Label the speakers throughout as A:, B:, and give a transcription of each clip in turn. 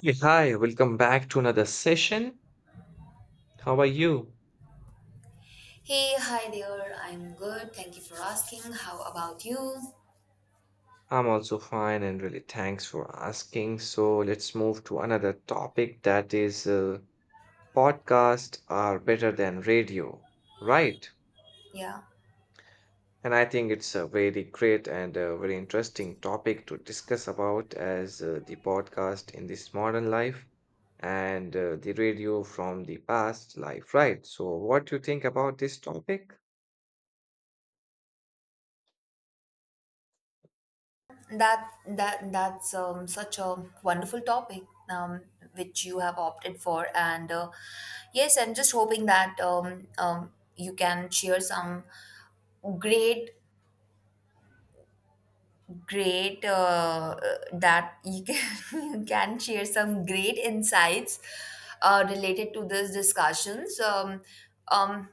A: Hey, hi, welcome back to another session. How are you?
B: Hey, hi there. I'm good. Thank you for asking. How about you?
A: I'm also fine and really thanks for asking. So let's move to another topic, that is, podcasts are better than radio, right?
B: Yeah.
A: And I think it's a very great and a very interesting topic to discuss about, as the podcast in this modern life and the radio from the past life, right? So what do you think about this topic?
B: That's such a wonderful topic um, which you have opted for, and yes, I'm just hoping that you can share some great great that you can, you can share some great insights related to this discussions um,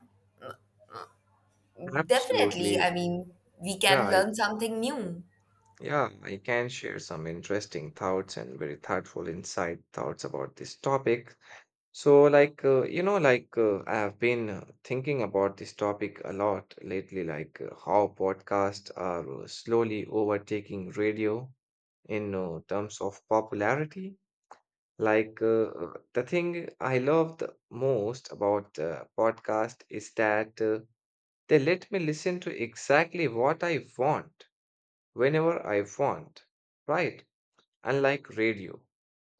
B: definitely. I
A: Absolutely.
B: mean, we
A: Yeah,
B: can
A: I
B: learn something new.
A: Yeah, I can share some interesting thoughts and very thoughtful insight thoughts about this topic. I have been thinking about this topic a lot lately, like how podcasts are slowly overtaking radio in terms of popularity. The thing I love the most about podcast is that they let me listen to exactly what I want, whenever I want, right? Unlike radio,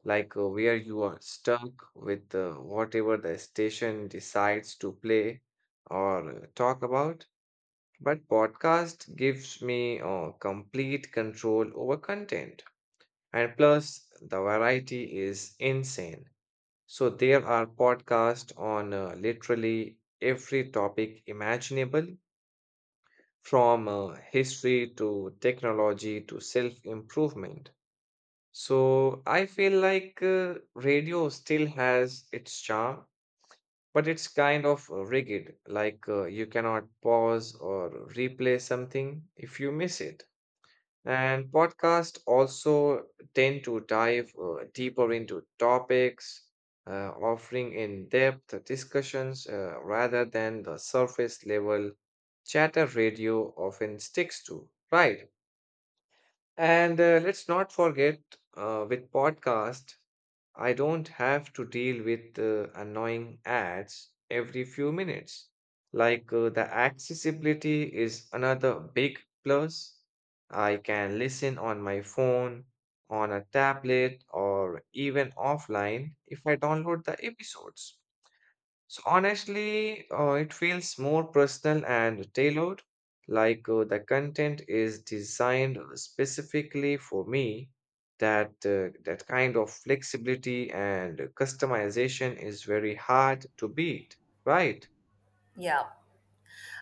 A: like where you are stuck with whatever the station decides to play or talk about. But podcast gives me complete control over content. And plus, the variety is insane. So there are podcasts on literally every topic imaginable, from history to technology to self improvement. So I feel like radio still has its charm, but it's kind of rigid, like you cannot pause or replay something if you miss it. And podcasts also tend to dive deeper into topics, offering in-depth discussions rather than the surface level chatter radio often sticks to, right? And let's not forget, with podcast, I don't have to deal with annoying ads every few minutes. Like the accessibility is another big plus. I can listen on my phone, on a tablet, or even offline if I download the episodes. So honestly, it feels more personal and tailored, like the content is designed specifically for me. That kind of flexibility and customization is very hard to beat, right?
B: Yeah,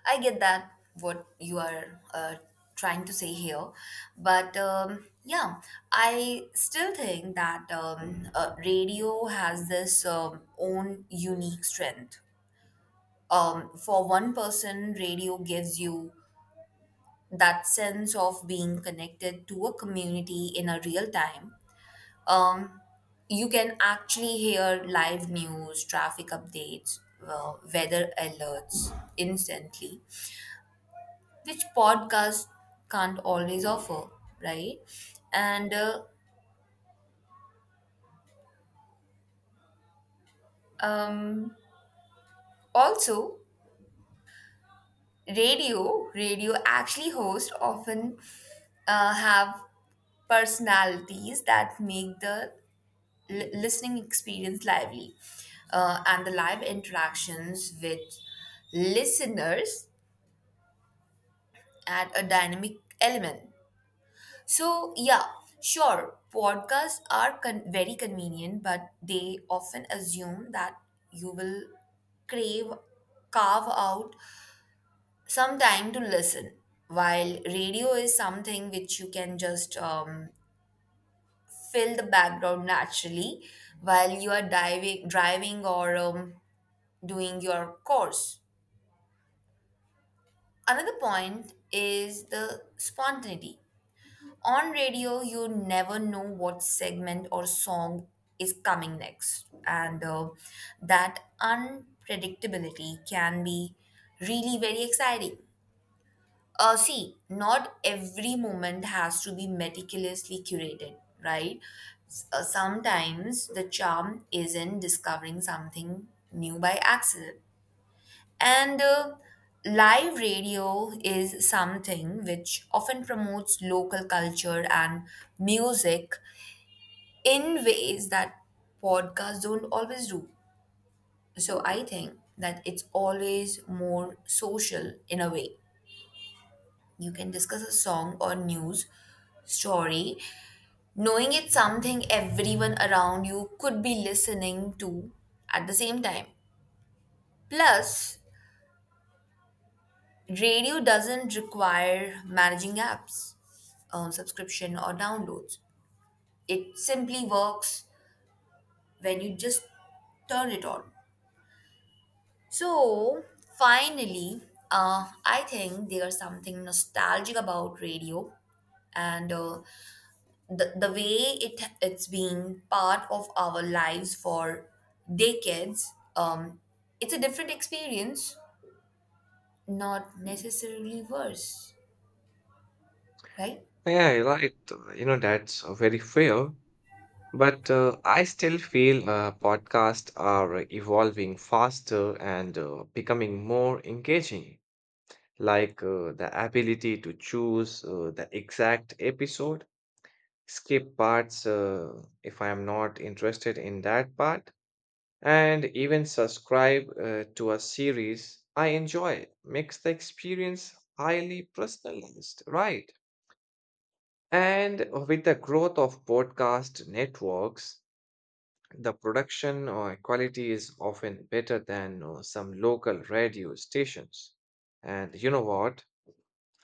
B: I get that what you are trying to say here, but yeah, I still think that radio has this own unique strength. For one person, radio gives you that sense of being connected to a community in a real time. um, you can actually hear live news, traffic updates, weather alerts instantly, which podcasts can't always offer, right? And um, Also, radio actually hosts often have personalities that make the listening experience lively, and the live interactions with listeners add a dynamic element. So, yeah, sure, podcasts are very convenient, but they often assume that you will crave, carve out some time to listen, while radio is something which you can just fill the background naturally while you are driving or doing your course. Another point is the spontaneity. On radio, you never know what segment or song is coming next, and that unpredictability can be really very exciting. See, not every moment has to be meticulously curated, right? Sometimes the charm is in discovering something new by accident. And live radio is something which often promotes local culture and music in ways that podcasts don't always do. So I think that it's always more social in a way. You can discuss a song or news story knowing it's something everyone around you could be listening to at the same time. Plus, radio doesn't require managing apps, subscription, or downloads. It simply works when you just turn it on. So, finally, I think there's something nostalgic about radio, and the way it's been part of our lives for decades. It's a different experience, not necessarily worse, right?
A: Yeah, you're right. You know, that's very fair. But I still feel podcasts are evolving faster and becoming more engaging, like the ability to choose the exact episode, skip parts if I am not interested in that part, and even subscribe to a series I enjoy makes the experience highly personalized, right? And with the growth of podcast networks, the production quality is often better than some local radio stations. And you know what?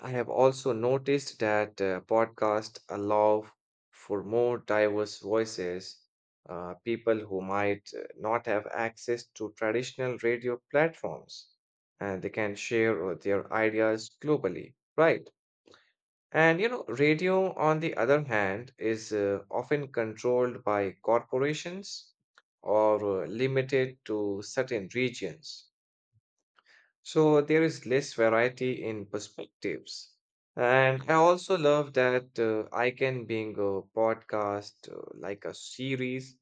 A: I have also noticed that podcasts allow for more diverse voices, people who might not have access to traditional radio platforms, and they can share their ideas globally, right? And you know, radio, on the other hand, is often controlled by corporations or limited to certain regions. So there is less variety in perspectives. And I also love that I can being a podcast like a series,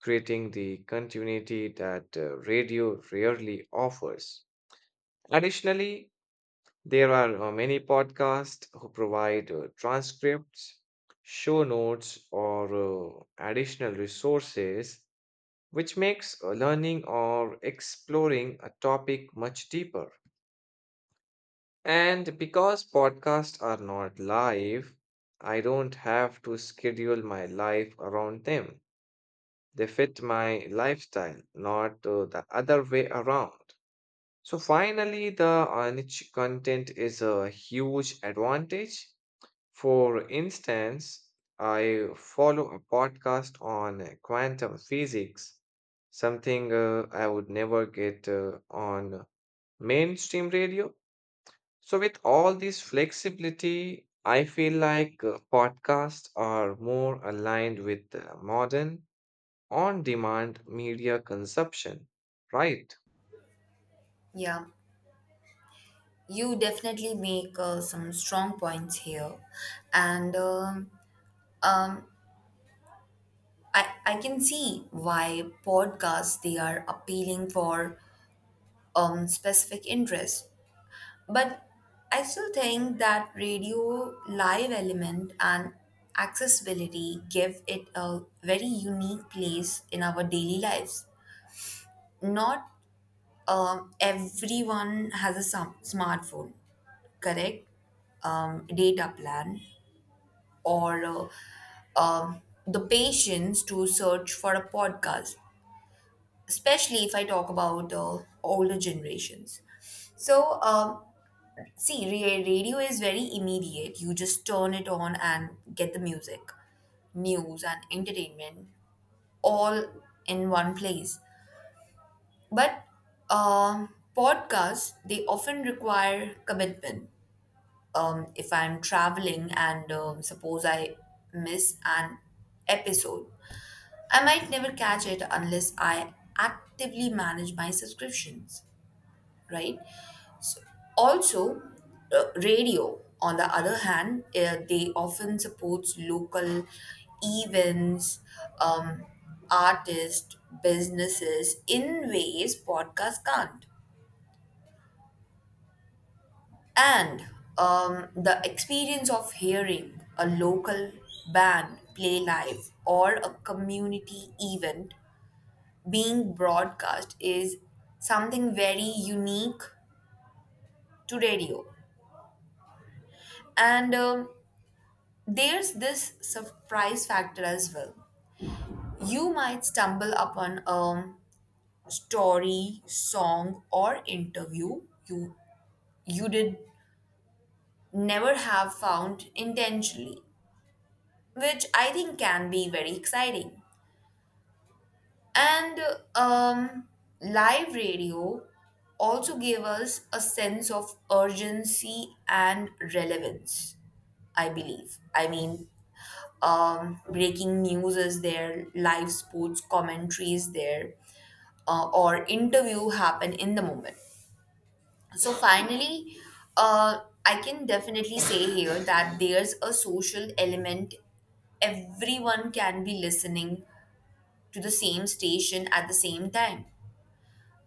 A: creating the continuity that radio rarely offers. Additionally, there are many podcasts who provide transcripts, show notes, or additional resources, which makes learning or exploring a topic much deeper. And because podcasts are not live, I don't have to schedule my life around them. They fit my lifestyle, not the other way around. So finally, the niche content is a huge advantage. For instance, I follow a podcast on quantum physics, something I would never get on mainstream radio. So, with all this flexibility, I feel like podcasts are more aligned with modern on demand media consumption, right?
B: Yeah. You definitely make some strong points here, and um, I can see why podcasts they are appealing for specific interests, but I still think that radio live element and accessibility give it a very unique place in our daily lives. Not everyone has a smartphone, correct? Data plan or the patience to search for a podcast, especially if I talk about older generations. So, see, radio is very immediate. You just turn it on and get the music, news, and entertainment all in one place. But podcasts, they often require commitment. If I'm traveling and suppose I miss an episode, I might never catch it unless I actively manage my subscriptions, right? Also, radio, on the other hand, they often supports local events, um, artists, businesses in ways podcasts can't. And the experience of hearing a local band play live or a community event being broadcast is something very unique to radio. And there's this surprise factor as well. You might stumble upon a story, song, or interview you did never have found intentionally, which I think can be very exciting. And um, live radio also gave us a sense of urgency and relevance, I believe. I mean, breaking news is there, live sports commentary is there, or interview happen in the moment. So finally, I can definitely say here that there's a social element. Everyone can be listening to the same station at the same time.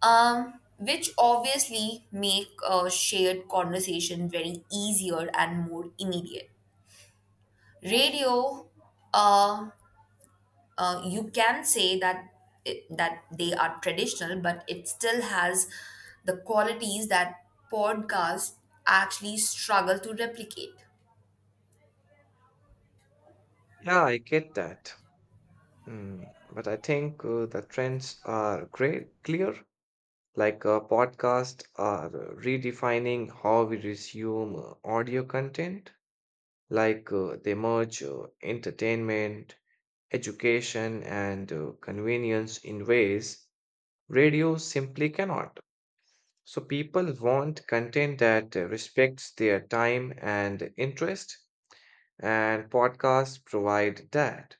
B: Which obviously make a shared conversation very easier and more immediate. Radio, uh, you can say that that they are traditional, but it still has the qualities that podcasts actually struggle to replicate.
A: Yeah, I get that. Mm, but I think the trends are great, clear, like podcasts are redefining how we resume audio content, like they merge entertainment, education, and convenience in ways radio simply cannot. So people want content that respects their time and interest, and podcasts provide that.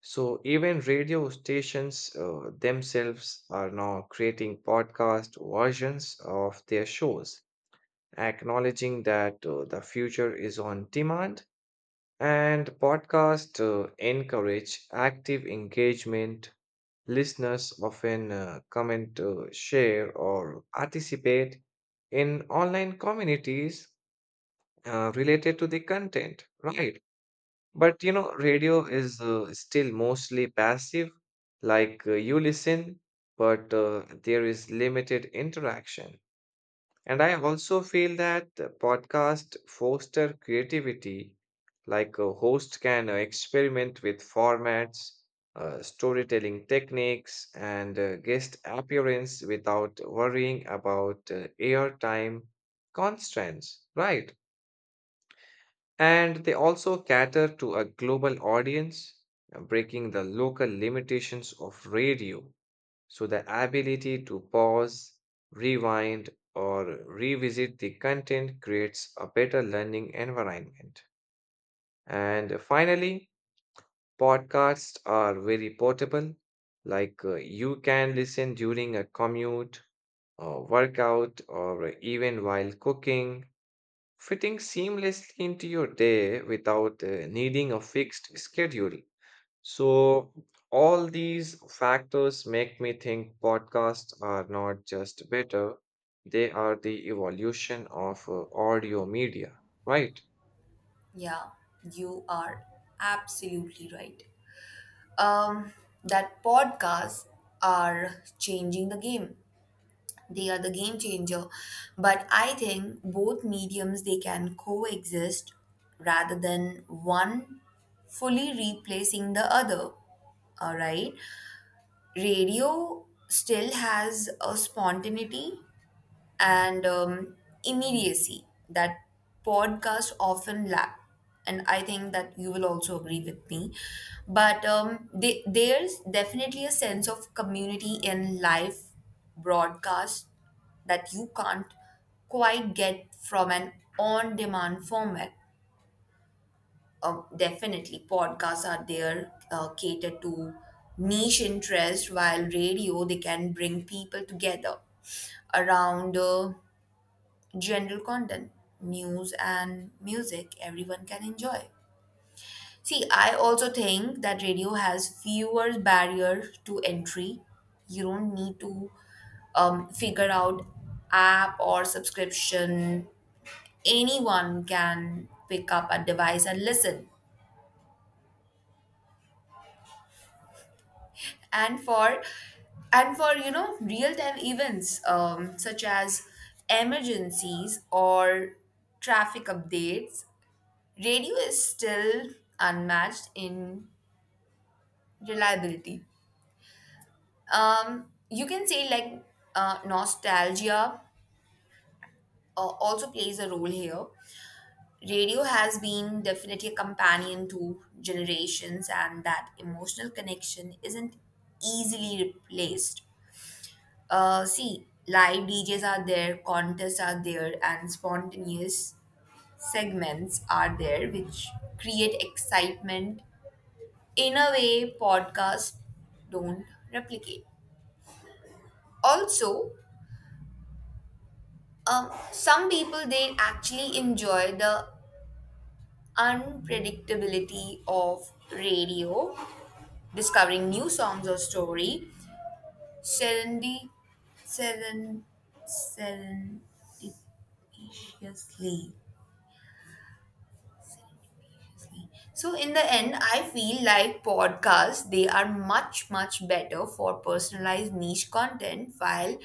A: So even radio stations themselves are now creating podcast versions of their shows, acknowledging that the future is on demand and podcasts encourage active engagement. Listeners often comment, share, or participate in online communities related to the content, right? But you know, radio is still mostly passive, like you listen, but there is limited interaction. And I also feel that podcast foster creativity, like a host can experiment with formats, storytelling techniques, and guest appearance without worrying about airtime constraints, right? And they also cater to a global audience, breaking the local limitations of radio. So, the ability to pause, rewind, or revisit the content creates a better learning environment. And finally, podcasts are very portable, like you can listen during a commute, or workout, or even while cooking, fitting seamlessly into your day without needing a fixed schedule. So, all these factors make me think podcasts are not just better, they are the evolution of audio media, right?
B: Yeah, you are absolutely right. Um, that podcasts are changing the game, they are the game changer, but I think both mediums they can coexist rather than one fully replacing the other, all right? Radio still has a spontaneity and immediacy that podcasts often lack. And I think that you will also agree with me. But there's definitely a sense of community in live broadcast that you can't quite get from an on demand format. Definitely, podcasts are there catered to niche interest, while radio they can bring people together around. General content, news and music everyone can enjoy. See, I also think that radio has fewer barriers to entry. You don't need to figure out app or subscription. Anyone can pick up a device and listen. And for and for you know real time events such as emergencies or traffic updates, radio is still unmatched in reliability. You can say like nostalgia also plays a role here. Radio has been definitely a companion to generations, and that emotional connection isn't easily replaced. See, live DJs are there, contests are there, and spontaneous segments are there, which create excitement in a way podcasts don't replicate. Also, some people they actually enjoy the unpredictability of radio, discovering new songs or story, serendi, seren, serendipitously. So in the end, I feel like podcasts they are much better for personalized niche content, while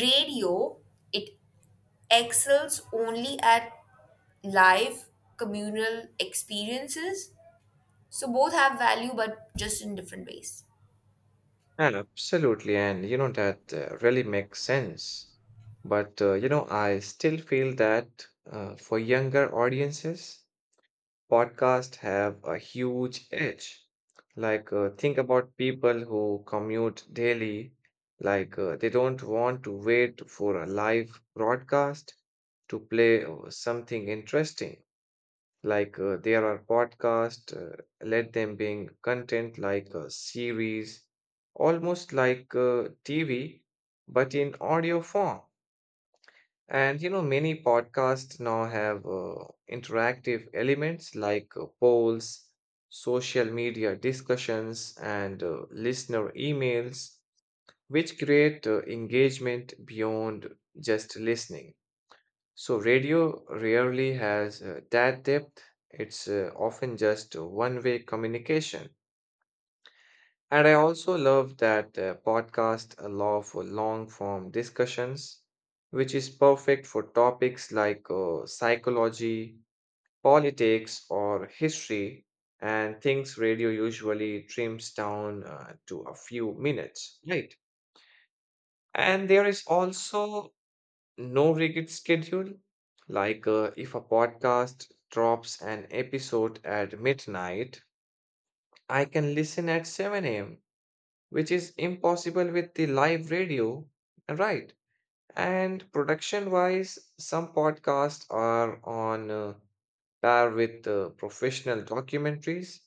B: radio it excels only at live communal experiences. So both have value, but just in different ways.
A: And absolutely, and you know that really makes sense. But you know, I still feel that for younger audiences, podcasts have a huge edge. Like, think about people who commute daily, like, they don't want to wait for a live broadcast to play something interesting. Like, there are podcasts, let them being content like a series, almost like TV, but in audio form. And you know, many podcasts now have interactive elements like polls, social media discussions, and listener emails, which create engagement beyond just listening. So, radio rarely has that depth, it's often just one way communication. And I also love that podcast allow for long form discussions, which is perfect for topics like psychology, politics, or history, and things radio usually trims down to a few minutes, right? And there is also no rigid schedule. Like if a podcast drops an episode at midnight, I can listen at 7 a.m, which is impossible with the live radio, right? And production wise, some podcasts are on par with professional documentaries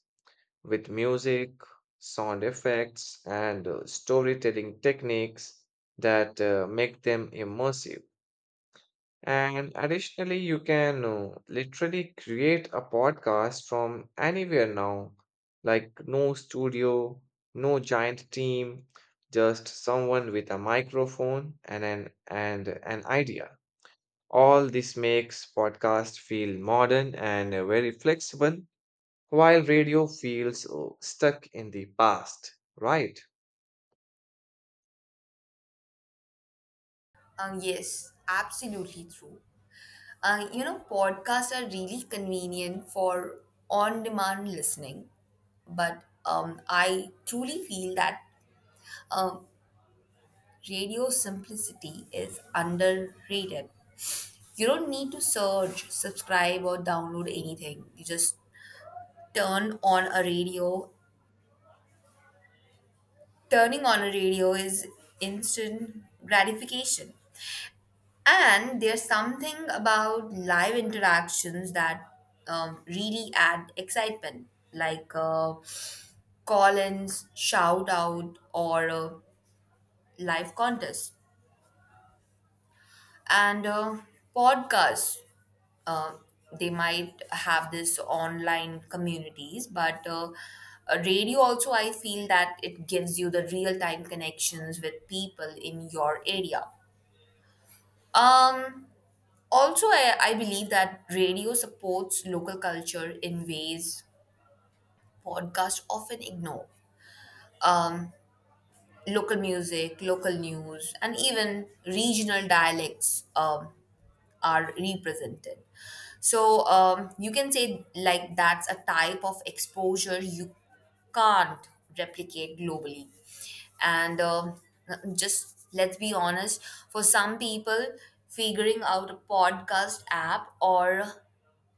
A: with music, sound effects, and storytelling techniques that make them immersive. And additionally, you can literally create a podcast from anywhere now. Like, no studio, no giant team, just someone with a microphone and an idea. All this makes podcast feel modern and very flexible, while radio feels stuck in the past, right?
B: Yes, absolutely true. You know, podcasts are really convenient for on demand listening, but I truly feel that um, radio simplicity is underrated. You don't need to search, subscribe, or download anything. You just turn on a radio turning on a radio is instant gratification. And there's something about live interactions that really add excitement, like call ins, shout out, or live contests. And podcasts, uh, they might have this online communities, but radio also, I feel that it gives you the real time connections with people in your area. Um, also, I believe that radio supports local culture in ways podcasts often ignore. Um, Local music, local news, and even regional dialects are represented. So you can say like that's a type of exposure you can't replicate globally. And just let's be honest, for some people, figuring out a podcast app or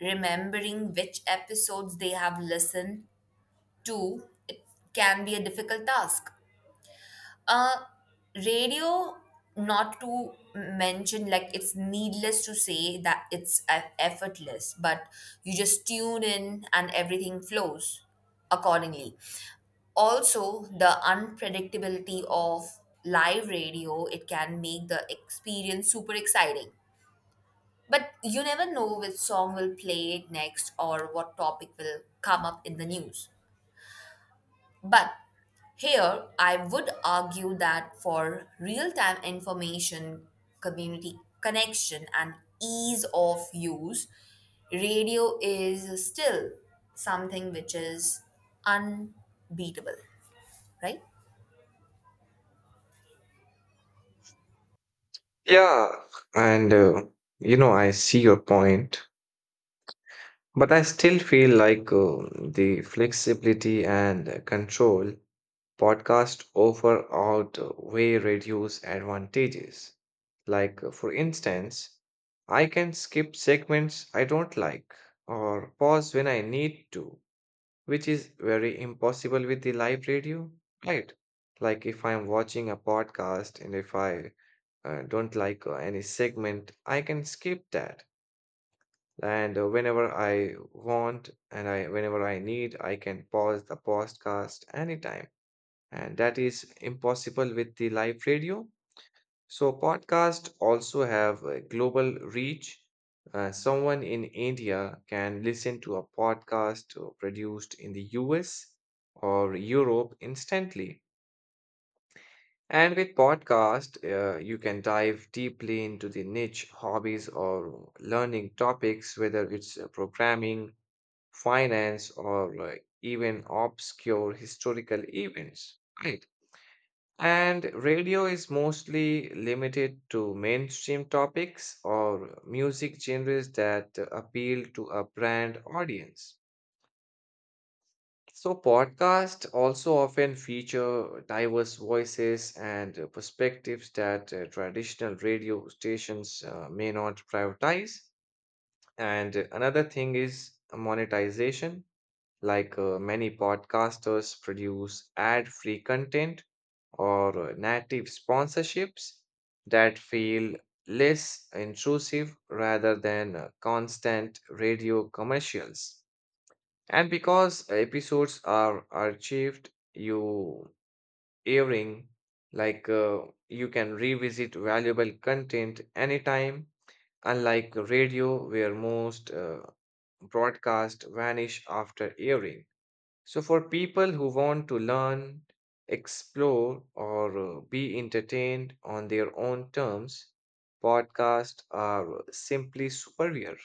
B: remembering which episodes they have listened to, it can be a difficult task. Uh, Radio, not to mention, like it's needless to say that it's effortless, but you just tune in and everything flows accordingly. Also the unpredictability of live radio it can make the experience super exciting, but you never know which song will play next or what topic will come up in the news. But here I would argue that for real time information, community connection, and ease of use, radio is still something which is unbeatable, right?
A: Yeah, and you know, I see your point. But I still feel like the flexibility and control podcast offer outweigh reduce advantages. Like, for instance, I can skip segments I don't like or pause when I need to, which is very impossible with the live radio, right? Like, if I'm watching a podcast, and if I don't like any segment, I can skip that, and whenever I want, and I whenever I need, I can pause the podcast anytime. And that is impossible with the live radio. So podcasts also have a global reach. Someone in India can listen to a podcast produced in the US or Europe instantly. And with podcast, you can dive deeply into the niche hobbies or learning topics, whether it's programming, finance, or even obscure historical events, right? And radio is mostly limited to mainstream topics or music genres that appeal to a brand audience. So, podcasts also often feature diverse voices and perspectives that traditional radio stations may not prioritize. And another thing is monetization, like many podcasters produce ad-free content or native sponsorships that feel less intrusive rather than constant radio commercials. And because episodes are archived, you airing like you can revisit valuable content anytime, unlike radio where most broadcasts vanish after airing. So, for people who want to learn, explore, or be entertained on their own terms, podcasts are simply superior.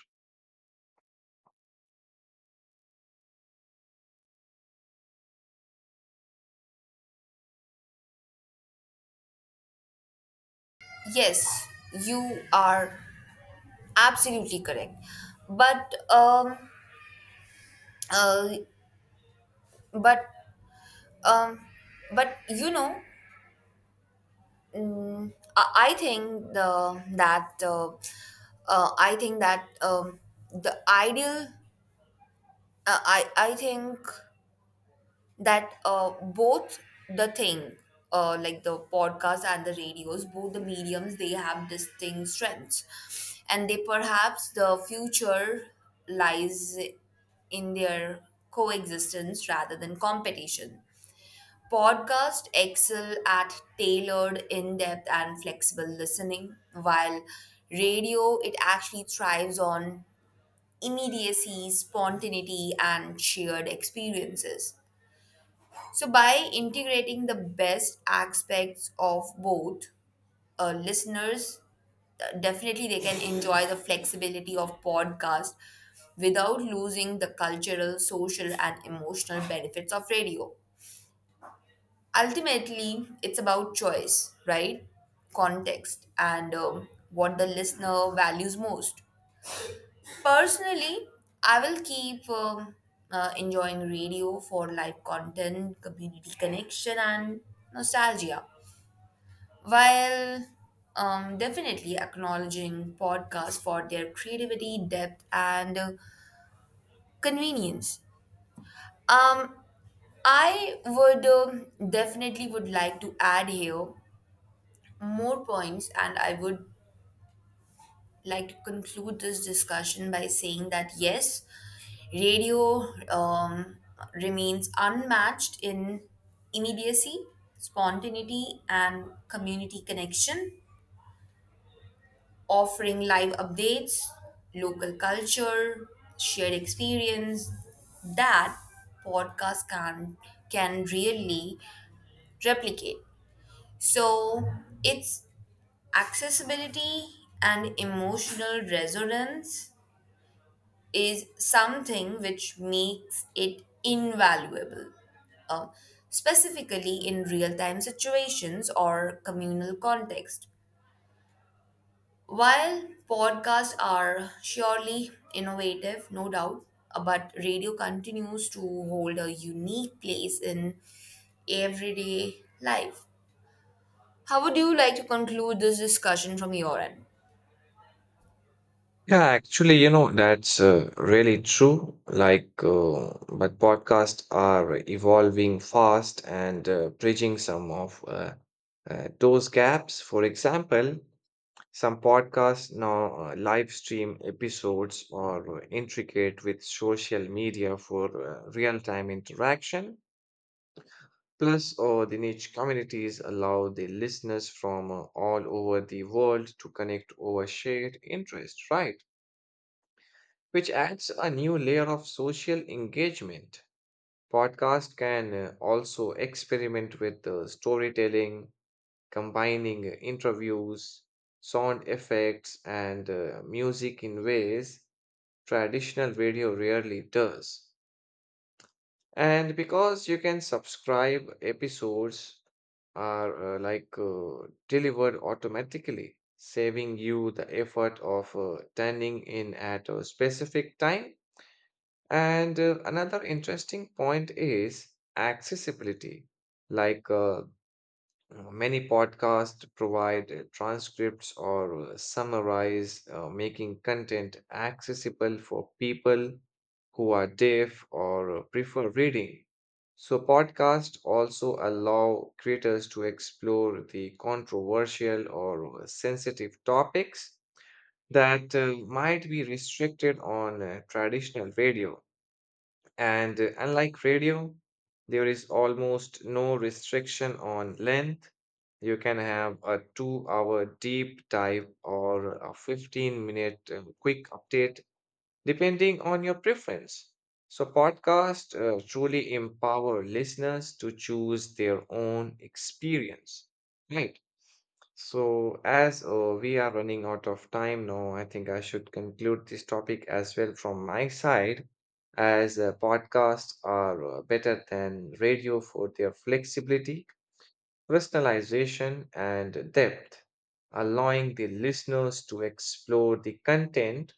B: Yes, you are absolutely correct. But um, uh, but um, but you know, I think the that I think that the ideal. I think that both the thing like the podcast and the radios, both the mediums they have distinct strengths, and they perhaps the future lies in their coexistence rather than competition. Podcast excel at tailored in-depth and flexible listening, while radio it actually thrives on immediacy, spontaneity, and shared experiences. So, by integrating the best aspects of both, listeners definitely they can enjoy the flexibility of podcast without losing the cultural, social, and emotional benefits of radio. Ultimately, it's about choice, right? Context and what the listener values most. Personally, I will keep enjoying radio for live content, community connection, and nostalgia, while definitely acknowledging podcasts for their creativity, depth, and convenience. Um, I would definitely would like to add here more points, and I would like to conclude this discussion by saying that yes, radio um, remains unmatched in immediacy, spontaneity, and community connection, offering live updates, local culture, shared experience that podcast can really replicate. So its accessibility and emotional resonance is something which makes it invaluable, um, specifically in real time situations or communal context. While podcasts are surely innovative, no doubt, but radio continues to hold a unique place in everyday life. How would you like to conclude this discussion from your end?
A: Yeah, actually, you know, that's really true. Like, but podcasts are evolving fast and bridging some of those gaps. For example, some podcasts now live stream episodes or intricate with social media for real time interaction. Plus, the niche communities allow the listeners from all over the world to connect over shared interest, right? Which adds a new layer of social engagement. Podcast can also experiment with storytelling, combining interviews, sound effects, and music in ways traditional radio rarely does. And because you can subscribe, episodes are delivered automatically, saving you the effort of turning in at a specific time. And another interesting point is accessibility. Like uh, Many podcasts provide transcripts or summarize, making content accessible for people who are deaf or prefer reading. So, podcasts also allow creators to explore the controversial or sensitive topics that might be restricted on traditional radio. And unlike radio, there is almost no restriction on length. You can have a 2 hour deep dive or a 15 minute quick update, depending on your preference. So, podcasts truly empower listeners to choose their own experience. Right. So, as we are running out of time now, I think I should conclude this topic as well from my side, as podcasts are better than radio for their flexibility, personalization, and depth, allowing the listeners to explore the content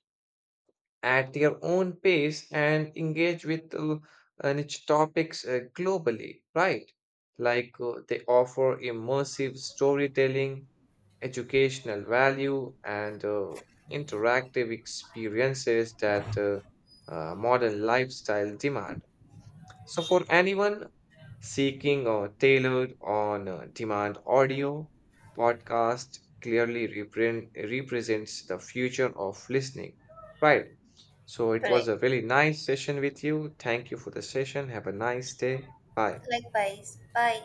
A: at their own pace and engage with niche topics globally, right? Like they offer immersive storytelling, educational value, and interactive experiences that modern lifestyle demand. So, for anyone seeking a tailored on demand audio, podcast clearly represents the future of listening. Right. So, it was
B: Correct.
A: a really nice session with you. Thank you for the session. Have a nice day. Bye.
B: Likewise. Bye.